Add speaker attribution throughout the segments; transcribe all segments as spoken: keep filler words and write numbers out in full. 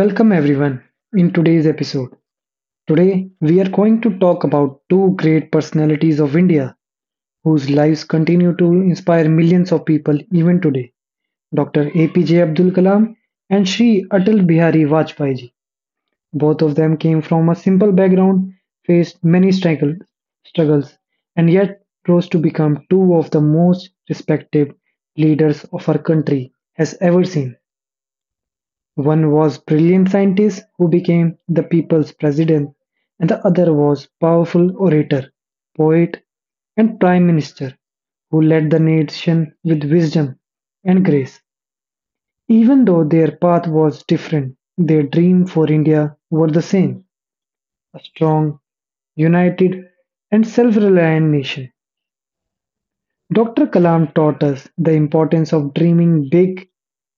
Speaker 1: Welcome everyone in today's episode. Today we are going to talk about two great personalities of India whose lives continue to inspire millions of people even today. doctor A P J Abdul Kalam and Sri Atal Bihari Vajpayee ji. Both of them came from a simple background, faced many struggle, struggles and yet rose to become two of the most respected leaders of our country has ever seen. One was brilliant scientist who became the people's president, and the other was powerful orator, poet and prime minister who led the nation with wisdom and grace. Even though their path was different, their dream for India were the same, a strong, united and self-reliant nation. doctor Kalam taught us the importance of dreaming big,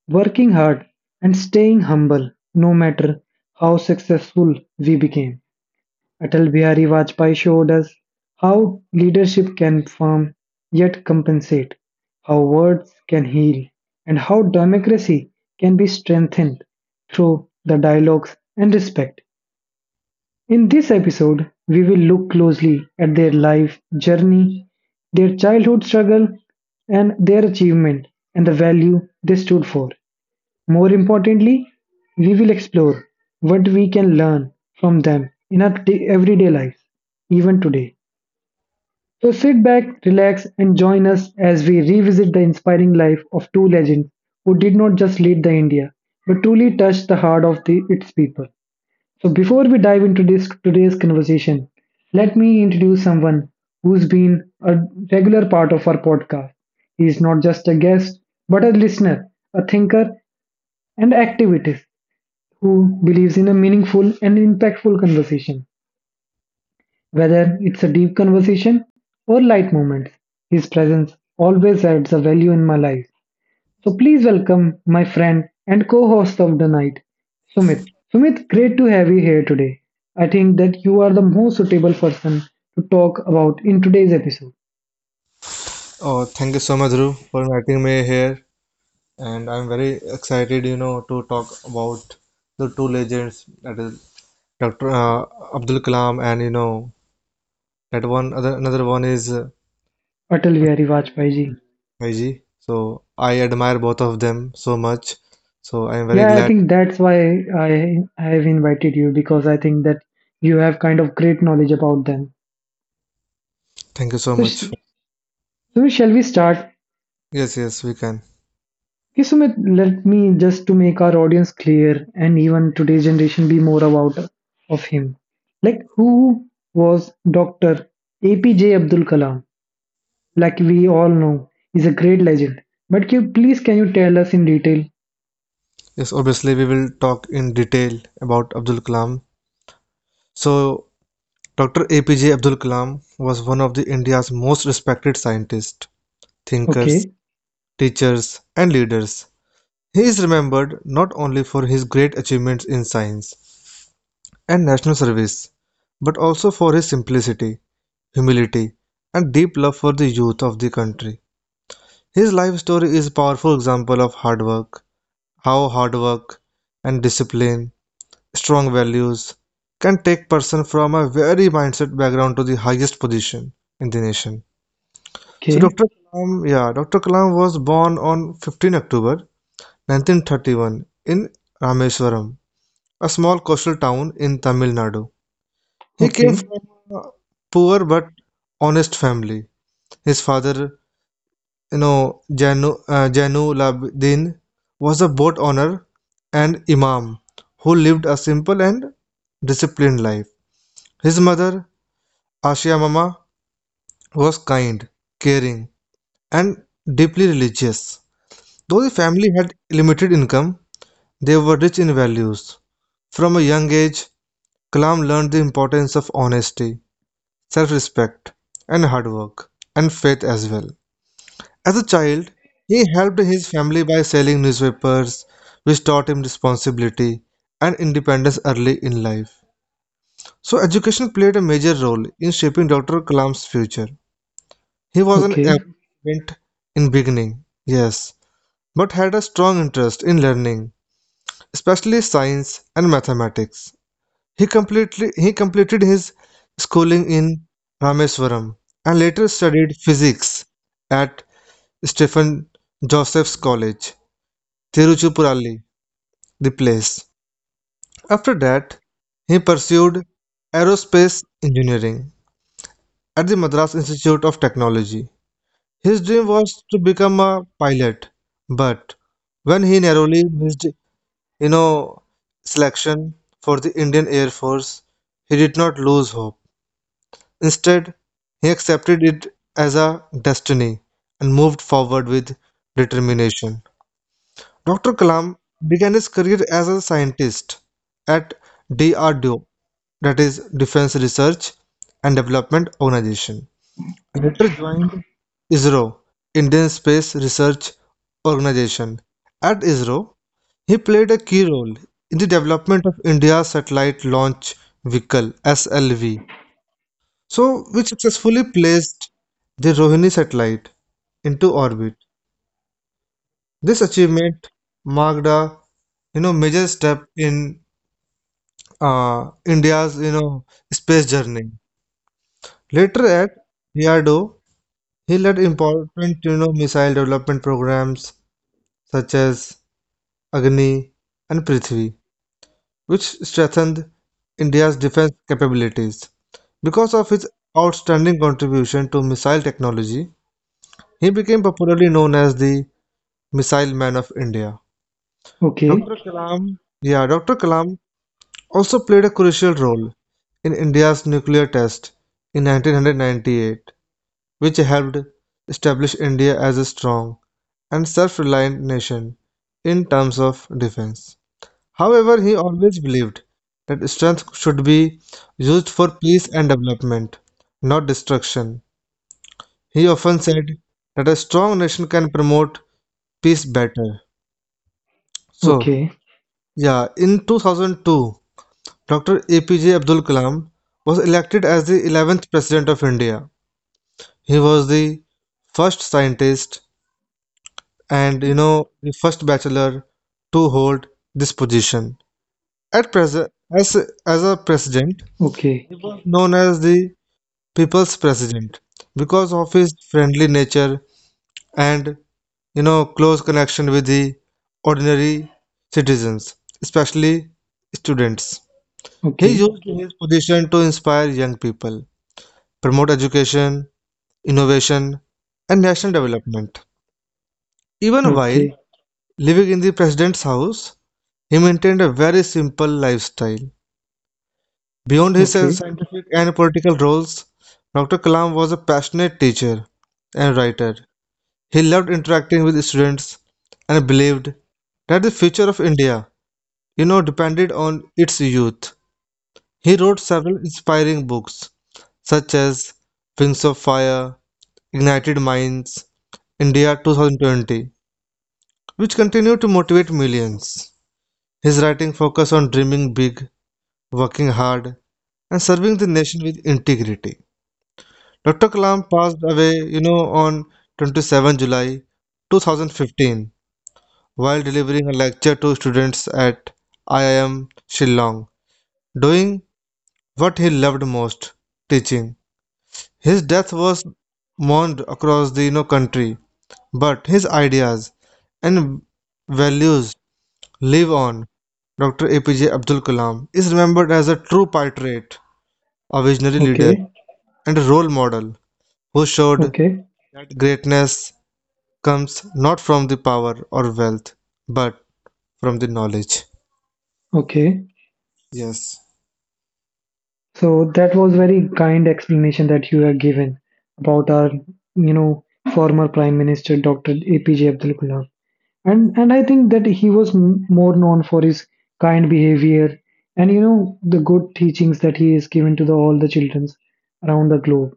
Speaker 1: working hard, and staying humble no matter how successful we became. Atal Bihari Vajpayee showed us how leadership can form yet compensate, how words can heal, and how democracy can be strengthened through the dialogues and respect. In this episode, we will look closely at their life journey, their childhood struggle, and their achievement and the value they stood for. More importantly, we will explore what we can learn from them in our t- everyday lives, even today. So sit back, relax, and join us as we revisit the inspiring life of two legends who did not just lead the India, but truly touched the heart of the, its people. So before we dive into this today's conversation, let me introduce someone who's been a regular part of our podcast. He's not just a guest, but a listener, a thinker, and activist who believes in a meaningful and impactful conversation. Whether it's a deep conversation or light moments, his presence always adds a value in my life. So please welcome my friend and co-host of the night, Sumit. Sumit, great to have you here today. I think that you are the most suitable person to talk about in today's episode,
Speaker 2: Oh, thank you so much, Dhruv, for inviting me here. And I'm very excited, you know, to talk about the two legends that is doctor Uh, Abdul Kalam, and you know that one other another one is uh,
Speaker 1: Atal Bihari Vajpayee ji.
Speaker 2: Y G. So I admire both of them so much. So I am very
Speaker 1: Yeah, I
Speaker 2: glad.
Speaker 1: think that's why I I have invited you because I think that you have kind of great knowledge about them.
Speaker 2: Thank you so
Speaker 1: So, sh-
Speaker 2: much. for-
Speaker 1: so shall we start?
Speaker 2: Yes, yes, we can.
Speaker 1: Okay, Sumit, let me just to make our audience clear and even today's generation be more about of him. Like who was doctor A P J Abdul Kalam? Like we all know, he's a great legend. But can, please can you tell us in detail?
Speaker 2: Yes, obviously we will talk in detail about Abdul Kalam. So doctor A P J Abdul Kalam was one of the India's most respected scientists, thinkers,
Speaker 1: Okay,
Speaker 2: teachers, and leaders. He is remembered not only for his great achievements in science and national service, but also for his simplicity, humility, and deep love for the youth of the country. His life story is a powerful example of hard work, how hard work and discipline, strong values can take person from a very mindset background to the highest position in the nation. So
Speaker 1: okay,
Speaker 2: doctor Kalam, yeah, doctor Kalam was born on fifteenth of October nineteen thirty-one in Rameswaram, a small coastal town in Tamil Nadu. He came
Speaker 1: okay,
Speaker 2: from a poor but honest family. His father you know Janu uh, Janu Labdin was a boat owner and imam who lived a simple and disciplined life. His mother Asia Mama was kind, caring, and deeply religious. Though the family had limited income, they were rich in values. From a young age, Kalam learned the importance of honesty, self respect, and hard work, and faith as well. As a child, he helped his family by selling newspapers, which taught him responsibility and independence early in life. So, education played a major role in shaping doctor Kalam's future. He was an
Speaker 1: okay,
Speaker 2: average student in beginning, yes, but had a strong interest in learning, especially science and mathematics. He completely he completed his schooling in Rameswaram and later studied physics at Stephen Joseph's College. Tiruchirappalli, the place. After that, he pursued aerospace engineering at the Madras Institute of Technology. His dream was to become a pilot, but when he narrowly missed, you know, selection for the Indian Air Force, he did not lose hope. Instead, he accepted it as a destiny and moved forward with determination. doctor Kalam began his career as a scientist at D R D O, that is Defense Research and Development Organization. He later joined ISRO, Indian Space Research Organization. At ISRO, he played a key role in the development of India's satellite launch vehicle S L V, so which successfully placed the Rohini satellite into orbit. This achievement marked a you know major step in uh, India's you know space journey. Later at D R D O, he led important you know missile development programs such as Agni and Prithvi, which strengthened India's defense capabilities. Because of his outstanding contribution to missile technology, he became popularly known as the Missile Man of India.
Speaker 1: okay,
Speaker 2: doctor Kalam, yeah, doctor Kalam also played a crucial role in India's nuclear test in nineteen ninety-eight, which helped establish India as a strong and self-reliant nation in terms of defence. However, he always believed that strength should be used for peace and development, not destruction. He often said that a strong nation can promote peace better. So,
Speaker 1: okay,
Speaker 2: yeah, in two thousand two, doctor A P J Abdul Kalam was elected as the eleventh President of India. He was the first scientist and you know the first bachelor to hold this position at present as as a president
Speaker 1: okay, okay,
Speaker 2: known as the people's president because of his friendly nature and you know close connection with the ordinary citizens, especially students. He
Speaker 1: okay, okay,
Speaker 2: used his position to inspire young people, promote education, innovation, and national development. Even while living in the president's house, he maintained a very simple lifestyle. Beyond his scientific and political roles, doctor Kalam was a passionate teacher and writer. He loved interacting with students and believed that the future of India, you know, depended on its youth. He wrote several inspiring books such as Wings of Fire, Ignited Minds, India twenty twenty, which continue to motivate millions. His writing focused on dreaming big, working hard, and serving the nation with integrity. doctor Kalam passed away, you know, on twenty-seventh of July twenty fifteen while delivering a lecture to students at I I M Shillong, doing what he loved most, teaching. His death was mourned across the you know, country, but his ideas and values live on. doctor A P J Abdul Kalam is remembered as a true patriot, a visionary leader,
Speaker 1: okay,
Speaker 2: and a role model who showed
Speaker 1: okay,
Speaker 2: greatness comes not from the power or wealth, but from the knowledge.
Speaker 1: okay,
Speaker 2: Yes.
Speaker 1: So that was very kind explanation that you have given about our, you know, former Prime Minister doctor A P J Abdul Kalam. And and I think that he was m- more known for his kind behavior and you know the good teachings that he has given to the, all the children around the globe.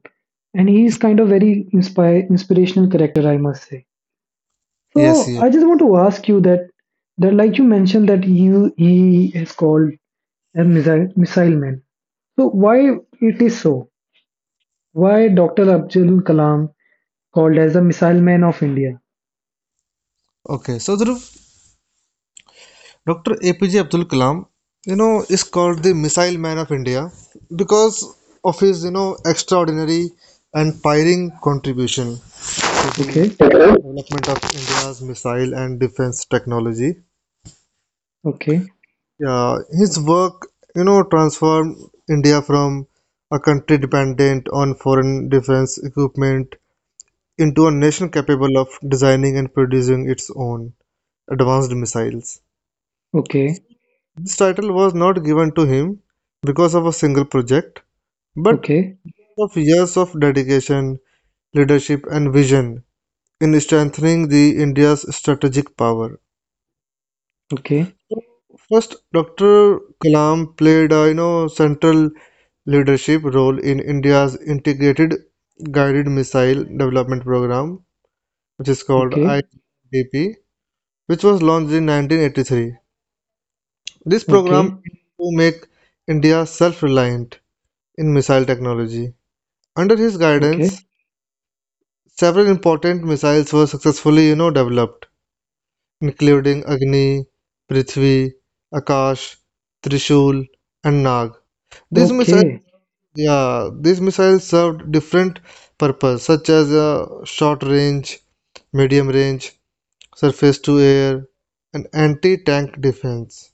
Speaker 1: And he is kind of very inspire, inspirational character, I must say.
Speaker 2: Yes,
Speaker 1: So
Speaker 2: yes.
Speaker 1: I just want to ask you that that like you mentioned that you he is called a missile missile man. So why it is so? Why doctor Abdul Kalam called as the missile man of India?
Speaker 2: Okay. So, Dhruv, doctor A P J Abdul Kalam, you know, is called the Missile Man of India because of his, you know, extraordinary and pioneering contribution to
Speaker 1: Okay,
Speaker 2: the development of India's missile and defense technology.
Speaker 1: okay,
Speaker 2: Yeah, his work, you know, transformed India from a country dependent on foreign defense equipment into a nation capable of designing and producing its own advanced missiles.
Speaker 1: okay,
Speaker 2: This title was not given to him because of a single project, but
Speaker 1: okay,
Speaker 2: of years of dedication, leadership, and vision in strengthening the India's strategic power.
Speaker 1: okay,
Speaker 2: First, doctor Kalam played a you know central leadership role in India's integrated guided missile development program, which is called
Speaker 1: okay,
Speaker 2: I D P, which was launched in nineteen eighty-three. This program
Speaker 1: okay,
Speaker 2: aimed to make India self-reliant in missile technology. Under his
Speaker 1: okay, okay,
Speaker 2: guidance, several important missiles were successfully, you know, developed, including Agni, Prithvi, Akash, Trishul, and Nag. These missiles,
Speaker 1: okay,
Speaker 2: yeah, these missiles served different purpose, such as uh, short range, medium range, surface to air, and anti-tank defense,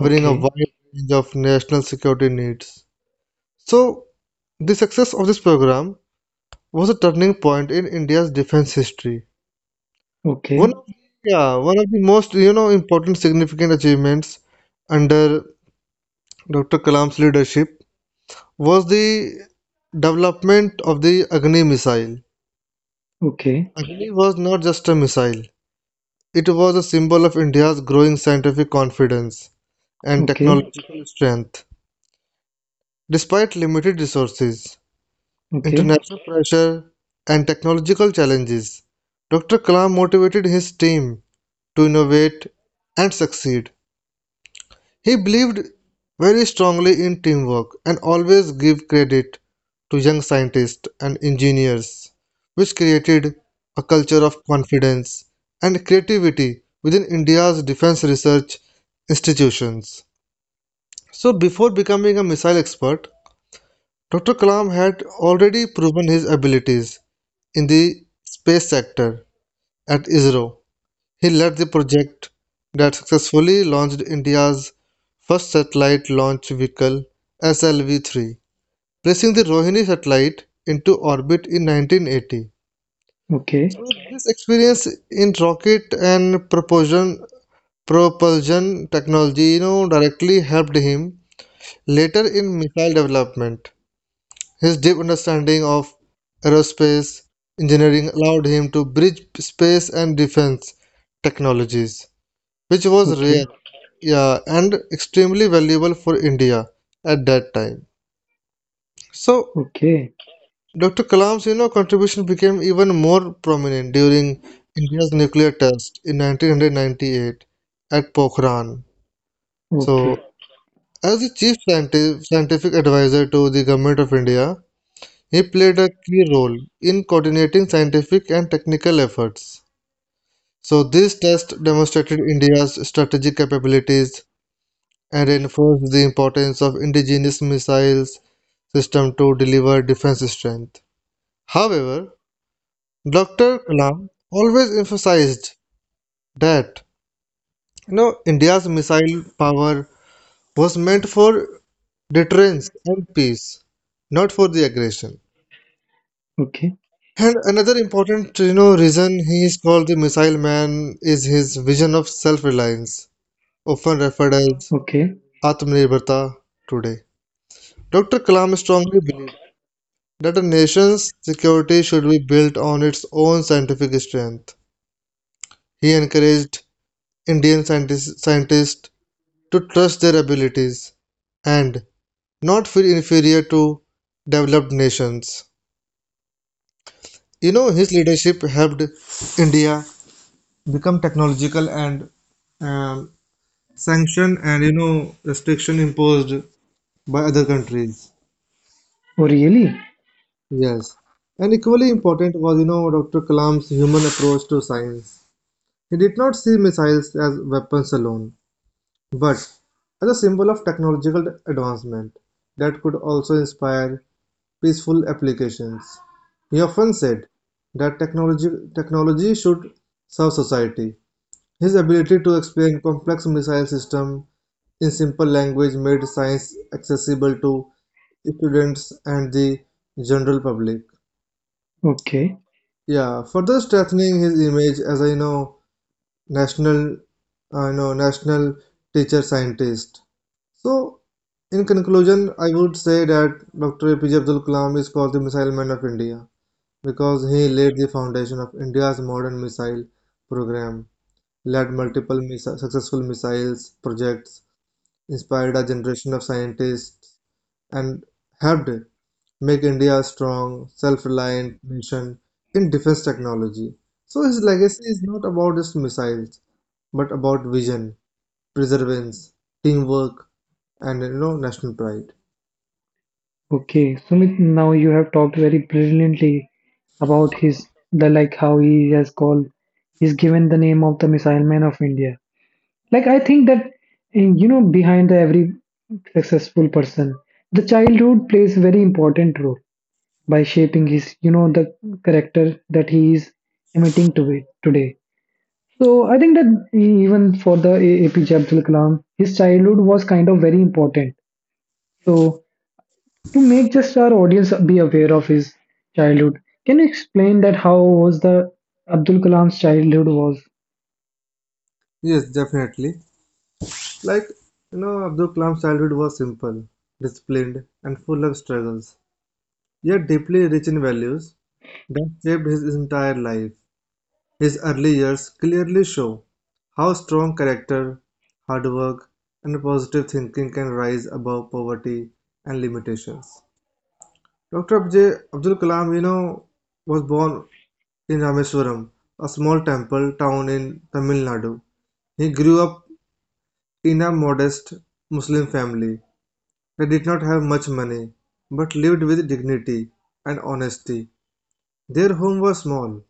Speaker 1: okay,
Speaker 2: a
Speaker 1: okay, okay,
Speaker 2: wide range of national security needs. So, the success of this program was a turning point in India's defense history.
Speaker 1: okay,
Speaker 2: One of, yeah, one of the most you know important significant achievements under doctor Kalam's leadership was the development of the Agni missile.
Speaker 1: okay,
Speaker 2: Agni was not just a missile; it was a symbol of India's growing scientific confidence and
Speaker 1: okay,
Speaker 2: technological strength. Despite limited resources, international pressure, and technological challenges, doctor Kalam motivated his team to innovate and succeed. He believed very strongly in teamwork and always gave credit to young scientists and engineers, which created a culture of confidence and creativity within India's defense research institutions. So, before becoming a missile expert, doctor Kalam had already proven his abilities in the space sector at ISRO. He led the project that successfully launched India's first satellite launch vehicle S L V three, placing the Rohini satellite into orbit in nineteen eighty.
Speaker 1: okay,
Speaker 2: So this experience in rocket and propulsion, propulsion technology, you know, directly helped him later in missile development. His deep understanding of aerospace engineering allowed him to bridge space and defense technologies, which was
Speaker 1: okay,
Speaker 2: rare, yeah, and extremely valuable for India at that time. So, doctor Kalam's, you know, contribution became even more prominent during India's nuclear test in nineteen ninety-eight at Pokhran. So, as the chief scienti- scientific advisor to the government of India, he played a key role in coordinating scientific and technical efforts, so this test demonstrated India's strategic capabilities and reinforced the importance of indigenous missiles system to deliver defense strength. However, doctor Kalam always emphasized that you know India's missile power was meant for deterrence and peace, not for the aggression.
Speaker 1: okay,
Speaker 2: And another important, you know, reason he is called the Missile Man is his vision of self-reliance, often referred as
Speaker 1: okay.
Speaker 2: Atmanirbharta today. doctor Kalam strongly believed that a nation's security should be built on its own scientific strength. He encouraged Indian scientists, scientists to trust their abilities and not feel inferior to developed nations. You know, his leadership helped India become technological and um, sanction and you know restriction imposed by other countries.
Speaker 1: Oh really?
Speaker 2: Yes. And equally important was, you know, doctor Kalam's human approach to science. He did not see missiles as weapons alone, but as a symbol of technological advancement that could also inspire peaceful applications. He often said that technology, technology should serve society. His ability to explain complex missile systems in simple language made science accessible to students and the general public.
Speaker 1: Okay,
Speaker 2: Yeah, further strengthening his image as a you know national, uh, you know national teacher scientist. So, in conclusion, I would say that doctor A P J Abdul Kalam is called the Missile Man of India because he laid the foundation of India's modern missile program, led multiple missi- successful missiles projects, inspired a generation of scientists and helped make India a strong, self-reliant nation in defense technology. So his legacy is not about just missiles, but about vision, perseverance, teamwork, and you know national pride.
Speaker 1: Okay, Sumit, now you have talked very brilliantly about his the like how he has called he's given the name of the missile man of India. Like I think that eh, you know behind every successful person, the childhood plays very important role by shaping his you know the character that he is emitting to today. So I think that even for the A P J Abdul Kalam, his childhood was kind of very important. So to make just our audience be aware of his childhood can you explain that how was the Abdul Kalam's childhood was?
Speaker 2: Yes, definitely. Like you know, Abdul Kalam's childhood was simple, disciplined, and full of struggles, yet deeply rich in values that shaped his entire life. His early years clearly show how strong character, hard work, and positive thinking can rise above poverty and limitations. doctor Abjay Abdul Kalam, you know, was born in Rameswaram, a small temple town in Tamil Nadu. He grew up in a modest Muslim family. They did not have much money, but lived with dignity and honesty. Their home was small,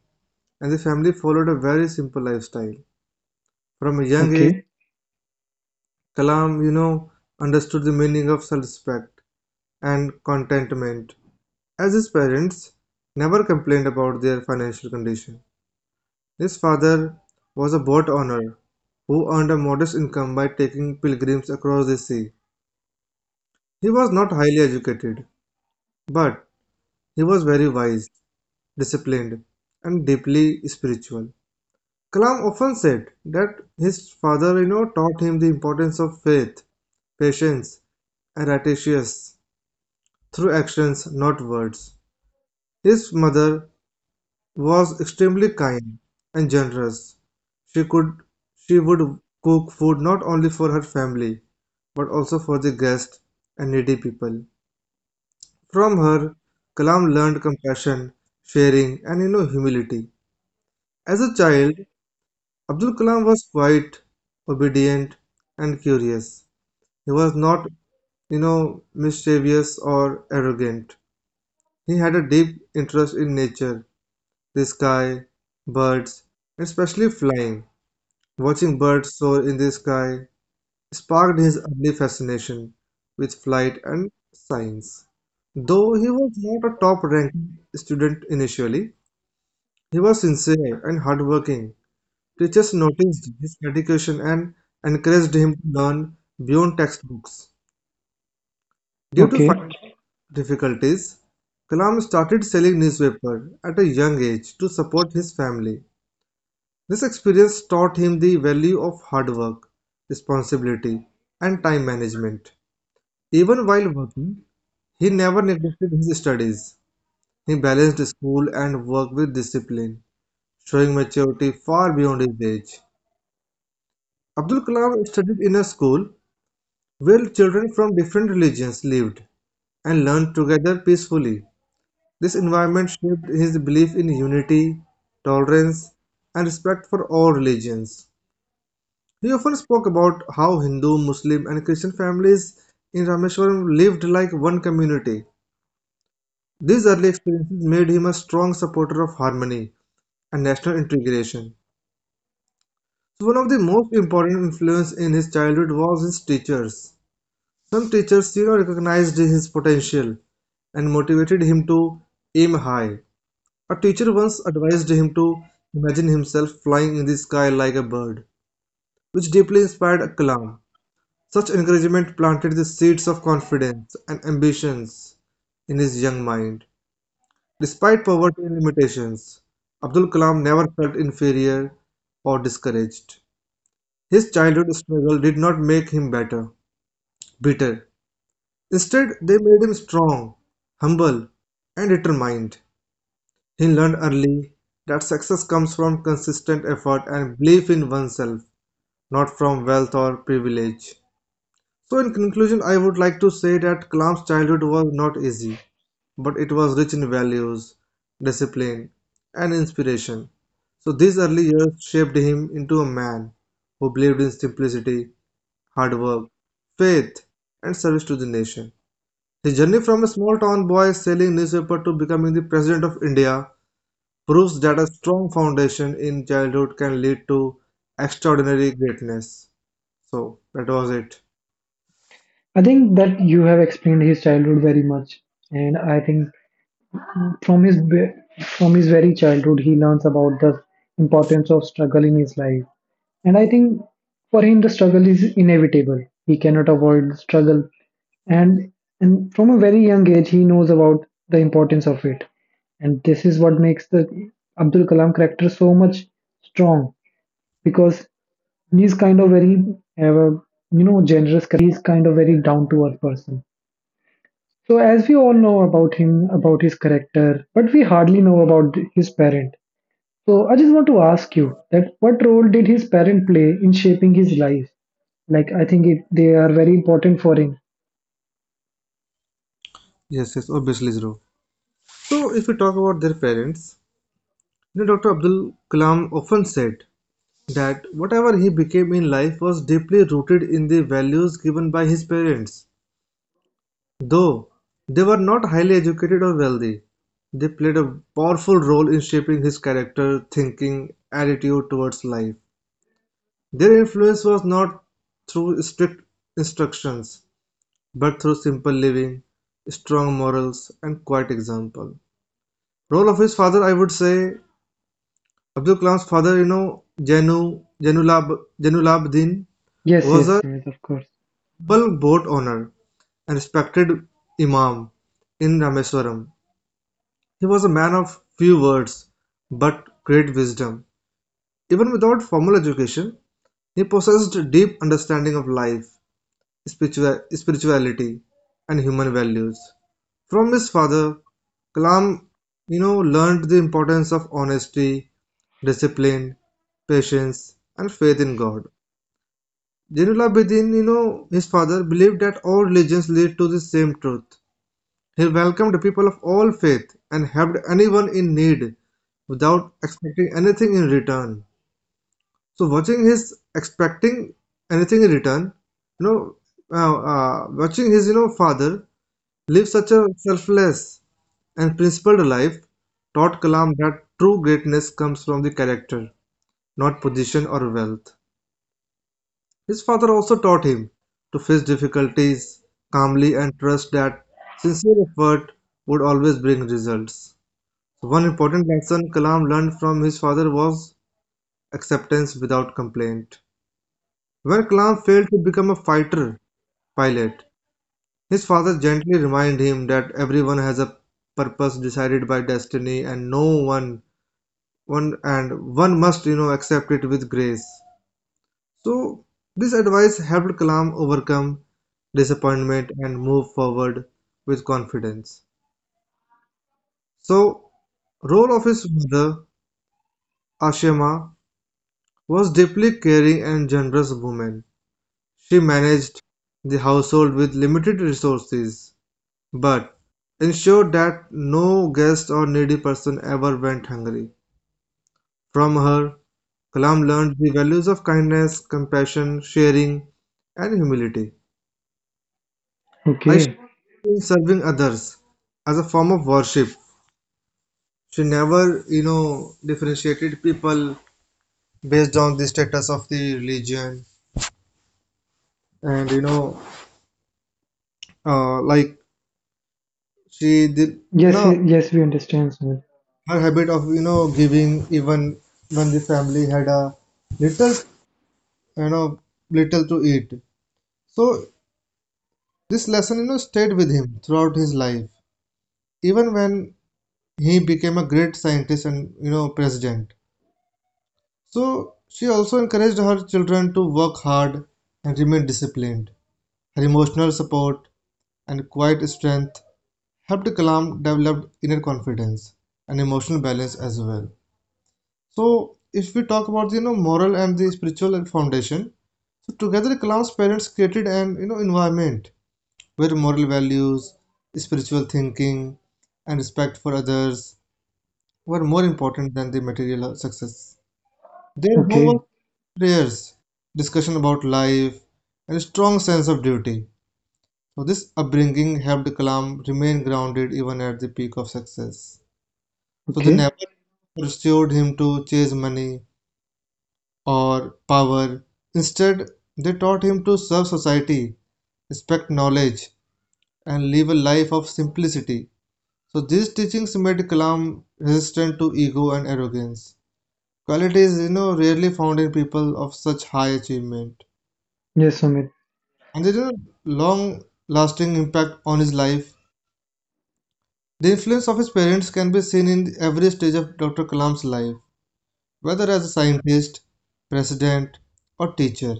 Speaker 2: and the family followed a very simple lifestyle. From a young age,
Speaker 1: okay
Speaker 2: Kalam, you know, understood the meaning of self-respect and contentment, as his parents never complained about their financial condition. His father was a boat owner who earned a modest income by taking pilgrims across the sea. He was not highly educated, but he was very wise, disciplined, and deeply spiritual. Kalam often said that his father, you know, taught him the importance of faith, patience, and righteousness through actions, not words. His mother was extremely kind and generous. She could she would cook food not only for her family but also for the guests and needy people. From her, Kalam learned compassion, sharing, and you know humility. As a child, Abdul Kalam was quiet, obedient, and curious. He was not, you know, mischievous or arrogant. He had a deep interest in nature, the sky, birds, especially flying. Watching birds soar in the sky sparked his early fascination with flight and science. Though he was not a top ranked student initially, he was sincere and hardworking. Teachers noticed his dedication and encouraged him to learn beyond textbooks. Due to
Speaker 1: okay
Speaker 2: financial difficulties, Kalam started selling newspaper at a young age to support his family. This experience taught him the value of hard work, responsibility, and time management. Even while working, he never neglected his studies. He balanced school and work with discipline, showing maturity far beyond his age. Abdul Kalam studied in a school where children from different religions lived and learned together peacefully. This environment shaped his belief in unity, tolerance, and respect for all religions. He often spoke about how Hindu, Muslim and Christian families in Rameshwaram lived like one community. These early experiences made him a strong supporter of harmony and national integration. One of the most important influence in his childhood was his teachers. Some teachers, you know, recognized his potential and motivated him to aim high. A teacher once advised him to imagine himself flying in the sky like a bird, which deeply inspired Kalam. Such encouragement planted the seeds of confidence and ambitions in his young mind. Despite poverty and limitations, Abdul Kalam never felt inferior or discouraged. His childhood struggle did not make him better, bitter. Instead, they made him strong, humble, and determined. He learned early that success comes from consistent effort and belief in oneself, not from wealth or privilege. So, in conclusion, I would like to say that Kalam's childhood was not easy, but it was rich in values, discipline, and inspiration. So, these early years shaped him into a man who believed in simplicity, hard work, faith, and service to the nation. His journey from a small town boy selling newspaper to becoming the president of India proves that a strong foundation in childhood can lead to extraordinary greatness. So, that was it.
Speaker 1: I think that you have explained his childhood very much and I think from his ve- from his very childhood he learns about the importance of struggle in his life. And I think for him, the struggle is inevitable. He cannot avoid the struggle. And, and from a very young age, he knows about the importance of it. And this is what makes the Abdul Kalam character so much strong because he's kind of very, uh, you know, generous character and he's kind of very down to earth person. So, as we all know about him, about his character, but we hardly know about his parent. So I just want to ask you that what role did his parent play in shaping his life? Like I think it, they are very important for him.
Speaker 2: Yes, yes, obviously, Zero. So, if we talk about their parents, you know, Doctor Abdul Kalam often said that whatever he became in life was deeply rooted in the values given by his parents. Though they were not highly educated or wealthy, they played a powerful role in shaping his character, thinking, attitude towards life. Their influence was not through strict instructions, but through simple living, strong morals, and quiet example. Role of his father, I would say, Abdul Kalam's father you know, in Janulab Jainulabdin
Speaker 1: Yes,
Speaker 2: was
Speaker 1: yes,
Speaker 2: a
Speaker 1: Sumit, of course.
Speaker 2: humble boat owner and respected imam in Rameswaram. He was a man of few words but great wisdom. Even without formal education, he possessed a deep understanding of life, spiritua- spirituality, and human values. From his father, Kalam, you know, learned the importance of honesty, discipline, patience, and faith in God. Zeinul Abidin, you know, his father, believed that all religions lead to the same truth. He welcomed people of all faith and helped anyone in need without expecting anything in return. So watching his expecting anything in return, you know, uh, uh, watching his you know father live such a selfless and principled life taught Kalam that true greatness comes from the character, not position or wealth. His father also taught him to face difficulties calmly and trust that sincere effort would always bring results. So, one important lesson Kalam learned from his father was acceptance without complaint. When Kalam failed to become a fighter pilot, his father gently reminded him that everyone has a purpose decided by destiny and no one one and one must you know accept it with grace. So, this advice helped Kalam overcome disappointment and move forward with confidence. So, role of his mother, Ashima, was deeply caring and generous woman. She managed the household with limited resources, but ensured that no guest or needy person ever went hungry. From her, Kalam learned the values of kindness, compassion, sharing, and humility. I
Speaker 1: Okay.
Speaker 2: in serving others as a form of worship. She never, you know, differentiated people based on the status of the religion, and you know, uh, like she did, you
Speaker 1: Yes,
Speaker 2: know,
Speaker 1: eh, yes, we understand, Sumit.
Speaker 2: her habit of you know giving even when the family had a little, you know, little to eat. So this lesson, you know, stayed with him throughout his life, even when he became a great scientist and you know president. So she also encouraged her children to work hard and remain disciplined. Her emotional support and quiet strength helped Kalam develop inner confidence and emotional balance as well. So if we talk about the you know, moral and the spiritual foundation, so together Kalam's parents created an you know environment where moral values, spiritual thinking, and respect for others were more important than the material success. Their home
Speaker 1: Okay,
Speaker 2: was prayers, discussion about life, and a strong sense of duty. So this upbringing helped Kalam remain grounded even at the peak of success. So they
Speaker 1: okay.
Speaker 2: never pursued him to chase money or power. Instead, they taught him to serve society, respect knowledge, and live a life of simplicity. So these teachings made Kalam resistant to ego and arrogance. Qualities, you know, rarely found in people of such high achievement.
Speaker 1: Yes, Sumit.
Speaker 2: And there is a long lasting impact on his life. The influence of his parents can be seen in every stage of Doctor Kalam's life, whether as a scientist, president, or teacher.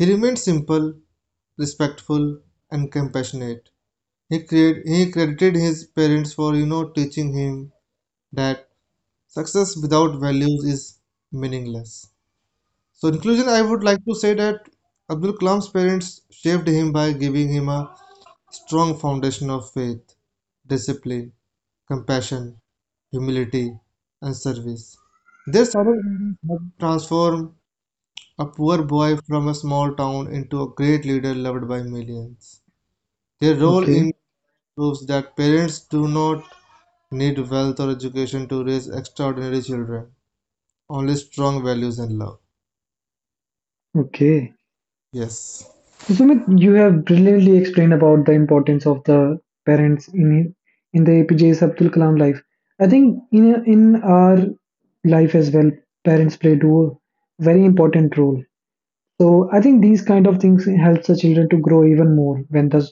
Speaker 2: He remained simple, respectful, and compassionate. He, create, he credited his parents for you know teaching him that success without values is meaningless. So, in conclusion, I would like to say that Abdul Kalam's parents shaped him by giving him a strong foundation of faith, discipline, compassion, humility, and service. Their solid guidance helped transform a poor boy from a small town into a great leader loved by millions. Their role in
Speaker 1: Okay,
Speaker 2: proves that parents do not need wealth or education to raise extraordinary children, only strong values and love.
Speaker 1: okay.
Speaker 2: Yes.
Speaker 1: So Sumit, you have brilliantly explained about the importance of the parents in in the A P J Abdul Kalam life. I think in in our life as well, parents played a very important role. So I think these kind of things helps the children to grow even more when the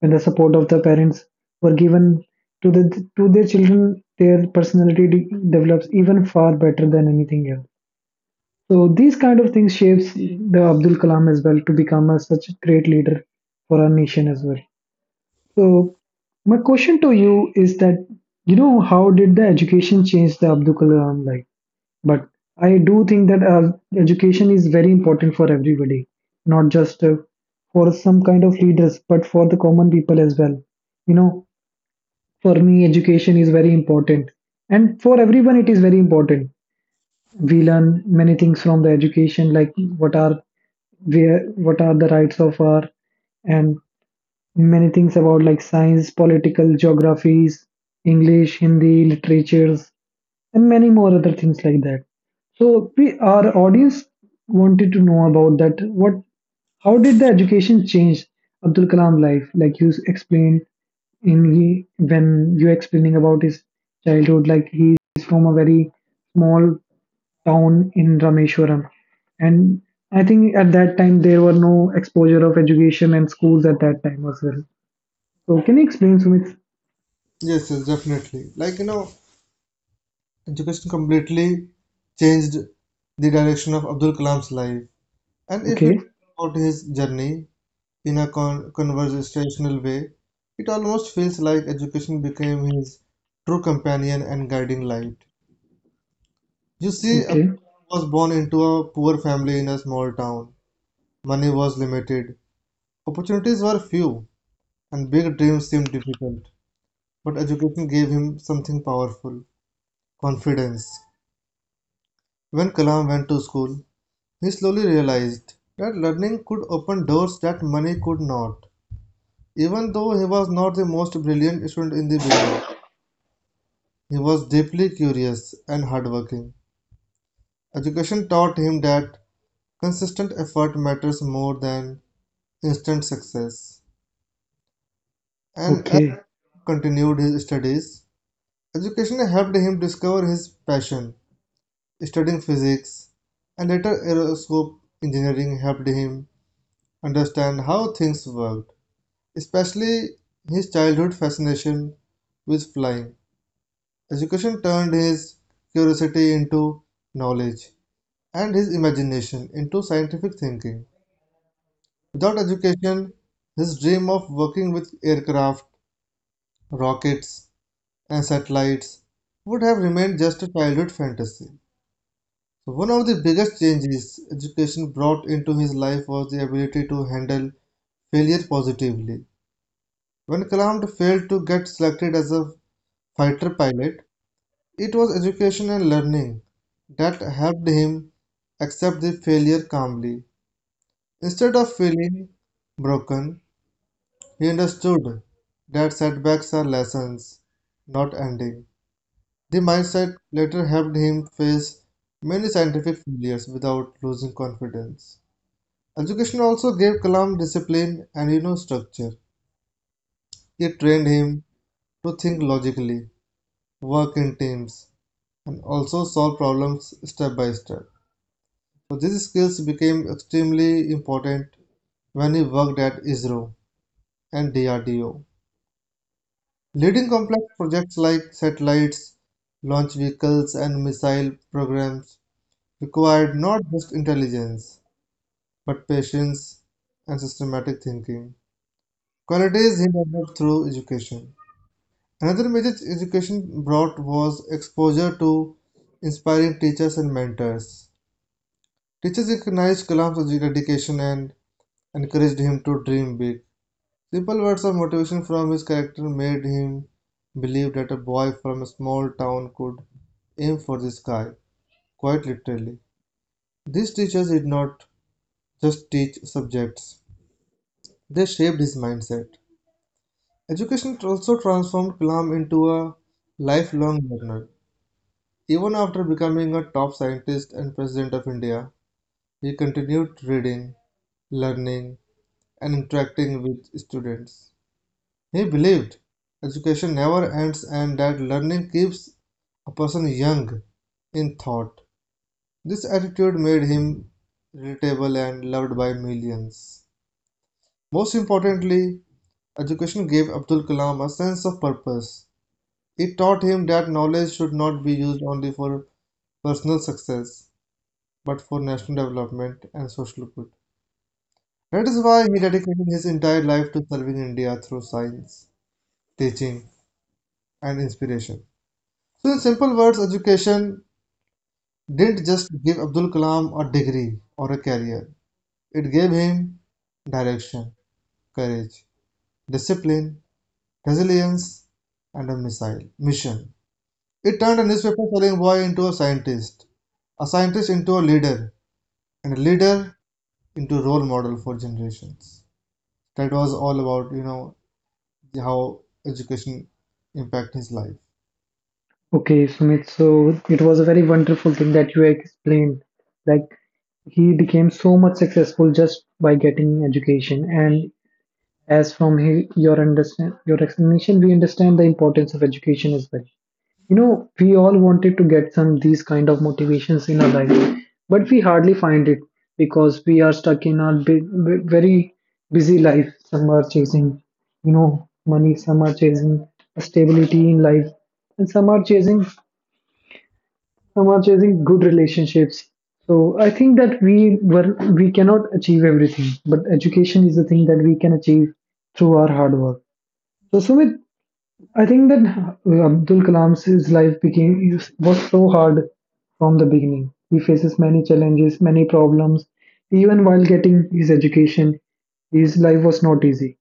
Speaker 1: when the support of the parents were given to the to their children, their personality de- develops even far better than anything else. So these kind of things shapes the Abdul Kalam as well to become a, such a great leader for our nation as well. So my question to you is that you know how did the education change the Abdul Kalam life? But I do think that uh, education is very important for everybody, not just uh, for some kind of leaders, but for the common people as well. You know, for me, education is very important, and for everyone, it is very important. We learn many things from the education, like what are where what are the rights of our and many things about like science, political geographies, English, Hindi, literatures, and many more other things like that. So we, our audience wanted to know about that. What, how did the education change Abdul Kalam life? Like you explained in he, when you explaining about his childhood, like he is from a very small town in Rameshwaram, and I think at that time there were no exposure of education and schools at that time as well. So can you explain, Sumit?
Speaker 2: Yes, yes, definitely. Like, you know, education completely changed the direction of Abdul Kalam's life. And if we
Speaker 1: Okay,
Speaker 2: talk about his journey in a con- conversational way, it almost feels like education became his true companion and guiding light. You see, Abdul
Speaker 1: okay,
Speaker 2: Kalam was born into a poor family in a small town. Money was limited, opportunities were few, and big dreams seemed difficult. But education gave him something powerful, confidence. When Kalam went to school, he slowly realized that learning could open doors that money could not. Even though he was not the most brilliant student in the beginning, he was deeply curious and hardworking. Education taught him that consistent effort matters more than instant success. And as
Speaker 1: okay,
Speaker 2: he continued his studies, education helped him discover his passion. Studying physics and later aerospace engineering helped him understand how things worked, especially his childhood fascination with flying. Education turned his curiosity into knowledge and his imagination into scientific thinking. Without education, his dream of working with aircraft, rockets, and satellites would have remained just a childhood fantasy. So one of the biggest changes education brought into his life was the ability to handle failure positively. When Kalam failed to get selected as a fighter pilot, it was education and learning that helped him accept the failure calmly. Instead of feeling broken, he understood that setbacks are lessons, not ending. The mindset later helped him face many scientific failures without losing confidence. Education also gave Kalam discipline and you know structure. It trained him to think logically, work in teams, and also solve problems step by step. So these skills became extremely important when he worked at ISRO and D R D O, leading complex projects like satellites, launch vehicles, and missile programs required not just intelligence, but patience and systematic thinking, qualities he developed through education. Another major education brought was exposure to inspiring teachers and mentors. Teachers recognized Kalam's dedication and encouraged him to dream big. Simple words of motivation from his character made him believe that a boy from a small town could aim for the sky, quite literally. These teachers did not just teach subjects, they shaped his mindset. Education also transformed Kalam into a lifelong learner. Even after becoming a top scientist and president of India, he continued reading, learning, and interacting with students. He believed education never ends and that learning keeps a person young in thought. This attitude made him relatable and loved by millions. Most importantly, education gave Abdul Kalam a sense of purpose. It taught him that knowledge should not be used only for personal success, but for national development and social good. That is why he dedicated his entire life to serving India through science, teaching, and inspiration. So, in simple words, education didn't just give Abdul Kalam a degree or a career, it gave him direction, courage, discipline, resilience, and a missile mission. It turned a newspaper selling boy into a scientist, a scientist into a leader, and a leader into a role model for generations. That was all about, you know, how education impacted his life.
Speaker 1: okay, Sumit. So it was a very wonderful thing that you explained. Like he became so much successful just by getting education. And as from he, your understand your explanation, we understand the importance of education as well. You know, we all wanted to get some these kind of motivations in our life, but we hardly find it because we are stuck in our big, very busy life. Some are chasing, you know, money. Some are chasing stability in life, and some are chasing some are chasing good relationships. So I think that we were we cannot achieve everything, but education is the thing that we can achieve through our hard work. So Sumit, I think that uh, Abdul Kalam's his life became was so hard from the beginning. He faces many challenges, many problems. Even while getting his education, his life was not easy.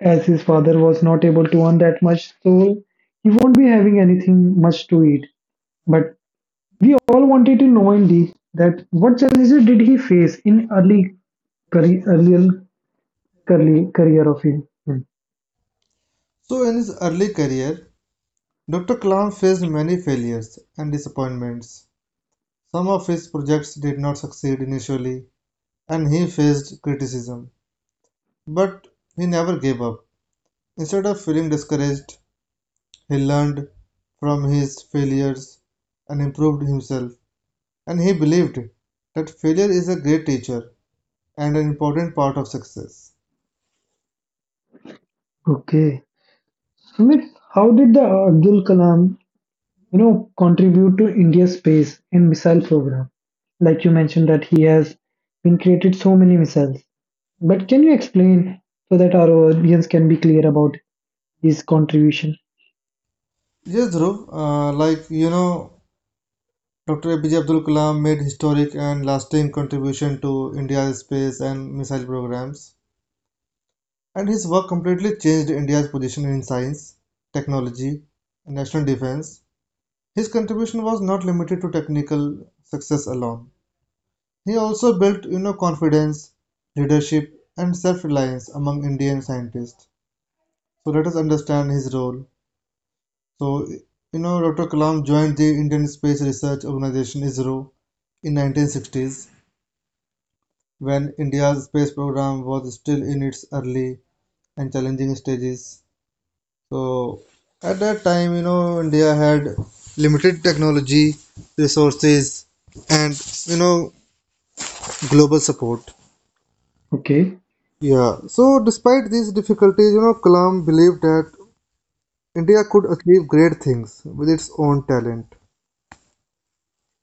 Speaker 1: As his father was not able to earn that much, so he won't be having anything much to eat. But we all wanted to know indeed that what challenges did he face in early career, earlier career, career of him.
Speaker 2: So, in his early career, Doctor Kalam faced many failures and disappointments. Some of his projects did not succeed initially and he faced criticism, but he never gave up. Instead of feeling discouraged, he learned from his failures and improved himself, and he believed that failure is a great teacher and an important part of success.
Speaker 1: Okay. Sumit, how did the Abdul Kalam you know, contribute to India's space and missile program? Like you mentioned that he has been created so many missiles. But can you explain so that our audience can be clear about his contribution?
Speaker 2: Yes, Dhruv, uh, like you know, Doctor A P J Abdul Kalam made historic and lasting contribution to India's space and missile programs. And his work completely changed India's position in science, technology, and national defense. His contribution was not limited to technical success alone. He also built, you know, confidence, leadership, and self-reliance among Indian scientists. So let us understand his role. So, you know, Doctor Kalam joined the Indian Space Research Organization (ISRO) in nineteen sixties when India's space program was still in its early and challenging stages. So at that time, you know, India had limited technology, resources, and you know, global support.
Speaker 1: Okay.
Speaker 2: Yeah. So despite these difficulties, you know, Kalam believed that India could achieve great things with its own talent.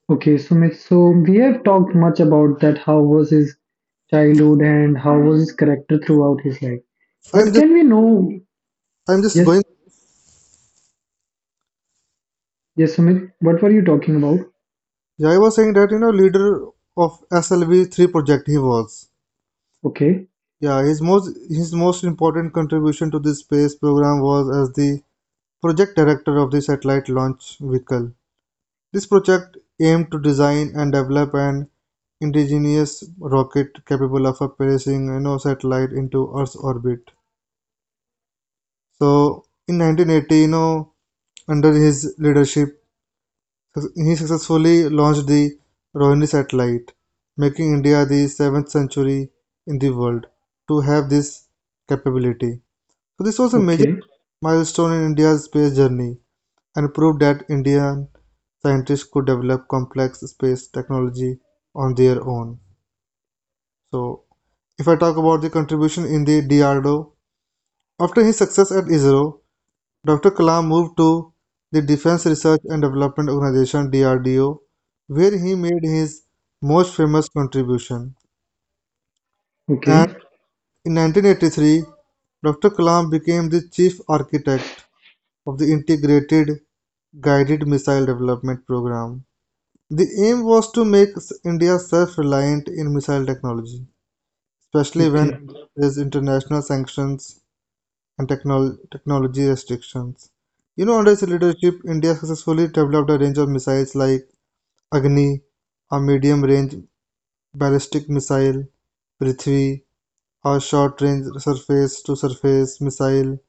Speaker 1: Okay, Sumit. So we have talked much about that how was his childhood and how was his character throughout his life.
Speaker 2: I'm
Speaker 1: But
Speaker 2: just,
Speaker 1: can we know
Speaker 2: I'm just
Speaker 1: yes,
Speaker 2: going.
Speaker 1: yes, Sumit, what were you talking about?
Speaker 2: Yeah, I was saying that you know, leader of S L V three project he was.
Speaker 1: Okay,
Speaker 2: Yeah, his most his most important contribution to this space program was as the project director of the satellite launch vehicle. This project aimed to design and develop an indigenous rocket capable of placing you know satellite into Earth's orbit. So in nineteen eighty, you know, under his leadership, he successfully launched the Rohini satellite, making India the seventh century in the world to have this capability. So this was a major
Speaker 1: okay,
Speaker 2: milestone in India's space journey and proved that Indian scientists could develop complex space technology on their own. So, if I talk about the contribution in the D R D O, after his success at ISRO, Doctor Kalam moved to the Defense Research and Development Organization D R D O, where he made his most famous contribution.
Speaker 1: okay,
Speaker 2: And in nineteen eighty-three, Doctor Kalam became the chief architect of the Integrated Guided Missile Development Program. The aim was to make s- India self-reliant in missile technology, especially when
Speaker 1: okay,
Speaker 2: India faced international sanctions and technol technology restrictions. You know, under its leadership, India successfully developed a range of missiles like Agni, a medium-range ballistic missile, Prithvi, a short-range surface-to-surface missile,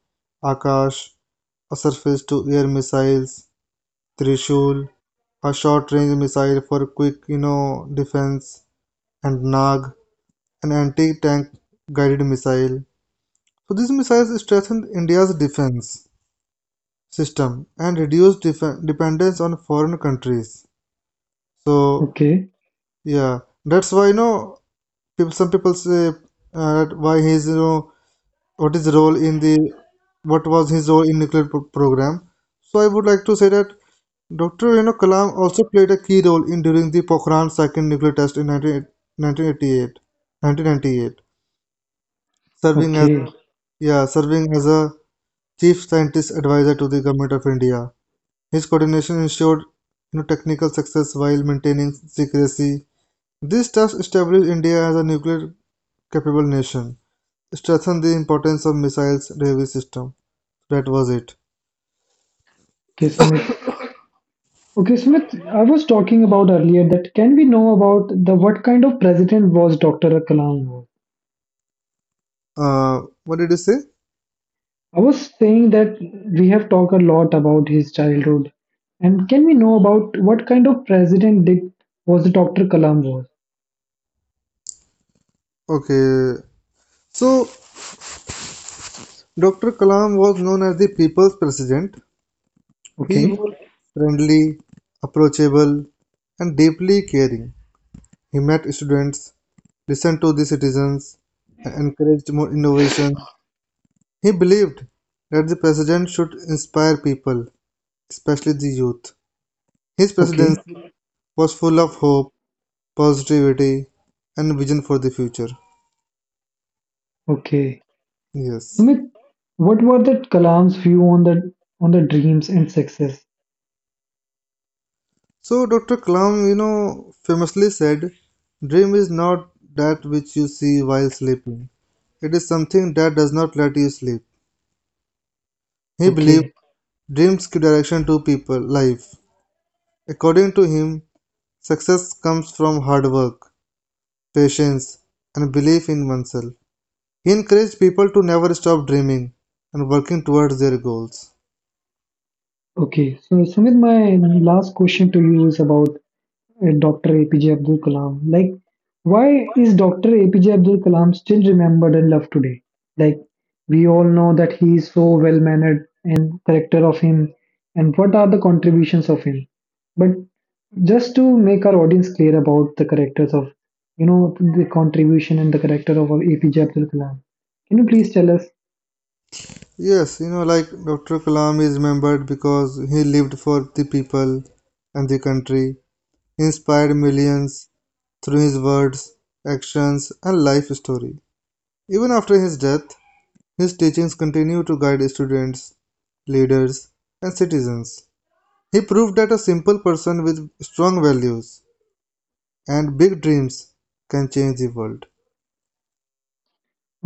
Speaker 2: Akash, a surface-to-air missiles, Trishul, a short-range missile for quick, you know, defense, and Nag, an anti-tank guided missile. So these missiles strengthened India's defense system and reduced defen- dependence on foreign countries. So
Speaker 1: okay, okay.
Speaker 2: yeah, that's why you know people, some people say uh, that why his you know what is role in the what was his role in nuclear pro- program. So I would like to say that Doctor You know Kalam also played a key role in during the Pokhran second nuclear test in nineteen, nineteen eighty-eight, nineteen ninety-eight, serving as a
Speaker 1: Okay,
Speaker 2: yeah, serving as a chief scientist advisor to the government of India. His coordination ensured, you know, technical success while maintaining secrecy. This task established India as a nuclear capable nation, strengthened the importance of missiles delivery system. That was it.
Speaker 1: Sumit. Okay, Smith, I was talking about earlier that can we know about the what kind of president was doctor Kalam was?
Speaker 2: Uh, what did you say?
Speaker 1: I was saying that we have talked a lot about his childhood, and can we know about what kind of president did was doctor Kalam was?
Speaker 2: Okay. So Doctor Kalam was known as the people's president. He
Speaker 1: Okay,
Speaker 2: was friendly, approachable, and deeply caring. He met students, listened to the citizens, and encouraged more innovation. He believed that the president should inspire people, especially the youth. His
Speaker 1: okay,
Speaker 2: presidency was full of hope, positivity, and vision for the future.
Speaker 1: okay.
Speaker 2: Yes.
Speaker 1: Smith, what were the Kalam's view on the on the dreams and success?
Speaker 2: So Doctor Kalam, you know, famously said, "Dream is not that which you see while sleeping. It is something that does not let you sleep." He believed
Speaker 1: Okay,
Speaker 2: dreams give direction to people life. According to him, success comes from hard work, patience, and belief in oneself. He encouraged people to never stop dreaming and working towards their goals.
Speaker 1: okay. So Sumit, my last question to you is about at doctor A P J Abdul Kalam. Like, why is doctor A P J Abdul Kalam still remembered and loved today? Like, we all know that he is so well mannered and character of him, and what are the contributions of him. But just to make our audience clear about the characters of, you know, the contribution and the character of A P J Abdul Kalam, can you please tell us?
Speaker 2: Yes, you know, like Doctor Kalam is remembered because he lived for the people and the country. He inspired millions through his words, actions, and life story. Even after his death, his teachings continue to guide students, leaders, and citizens. He proved that a simple person with strong values and big dreams can change the world.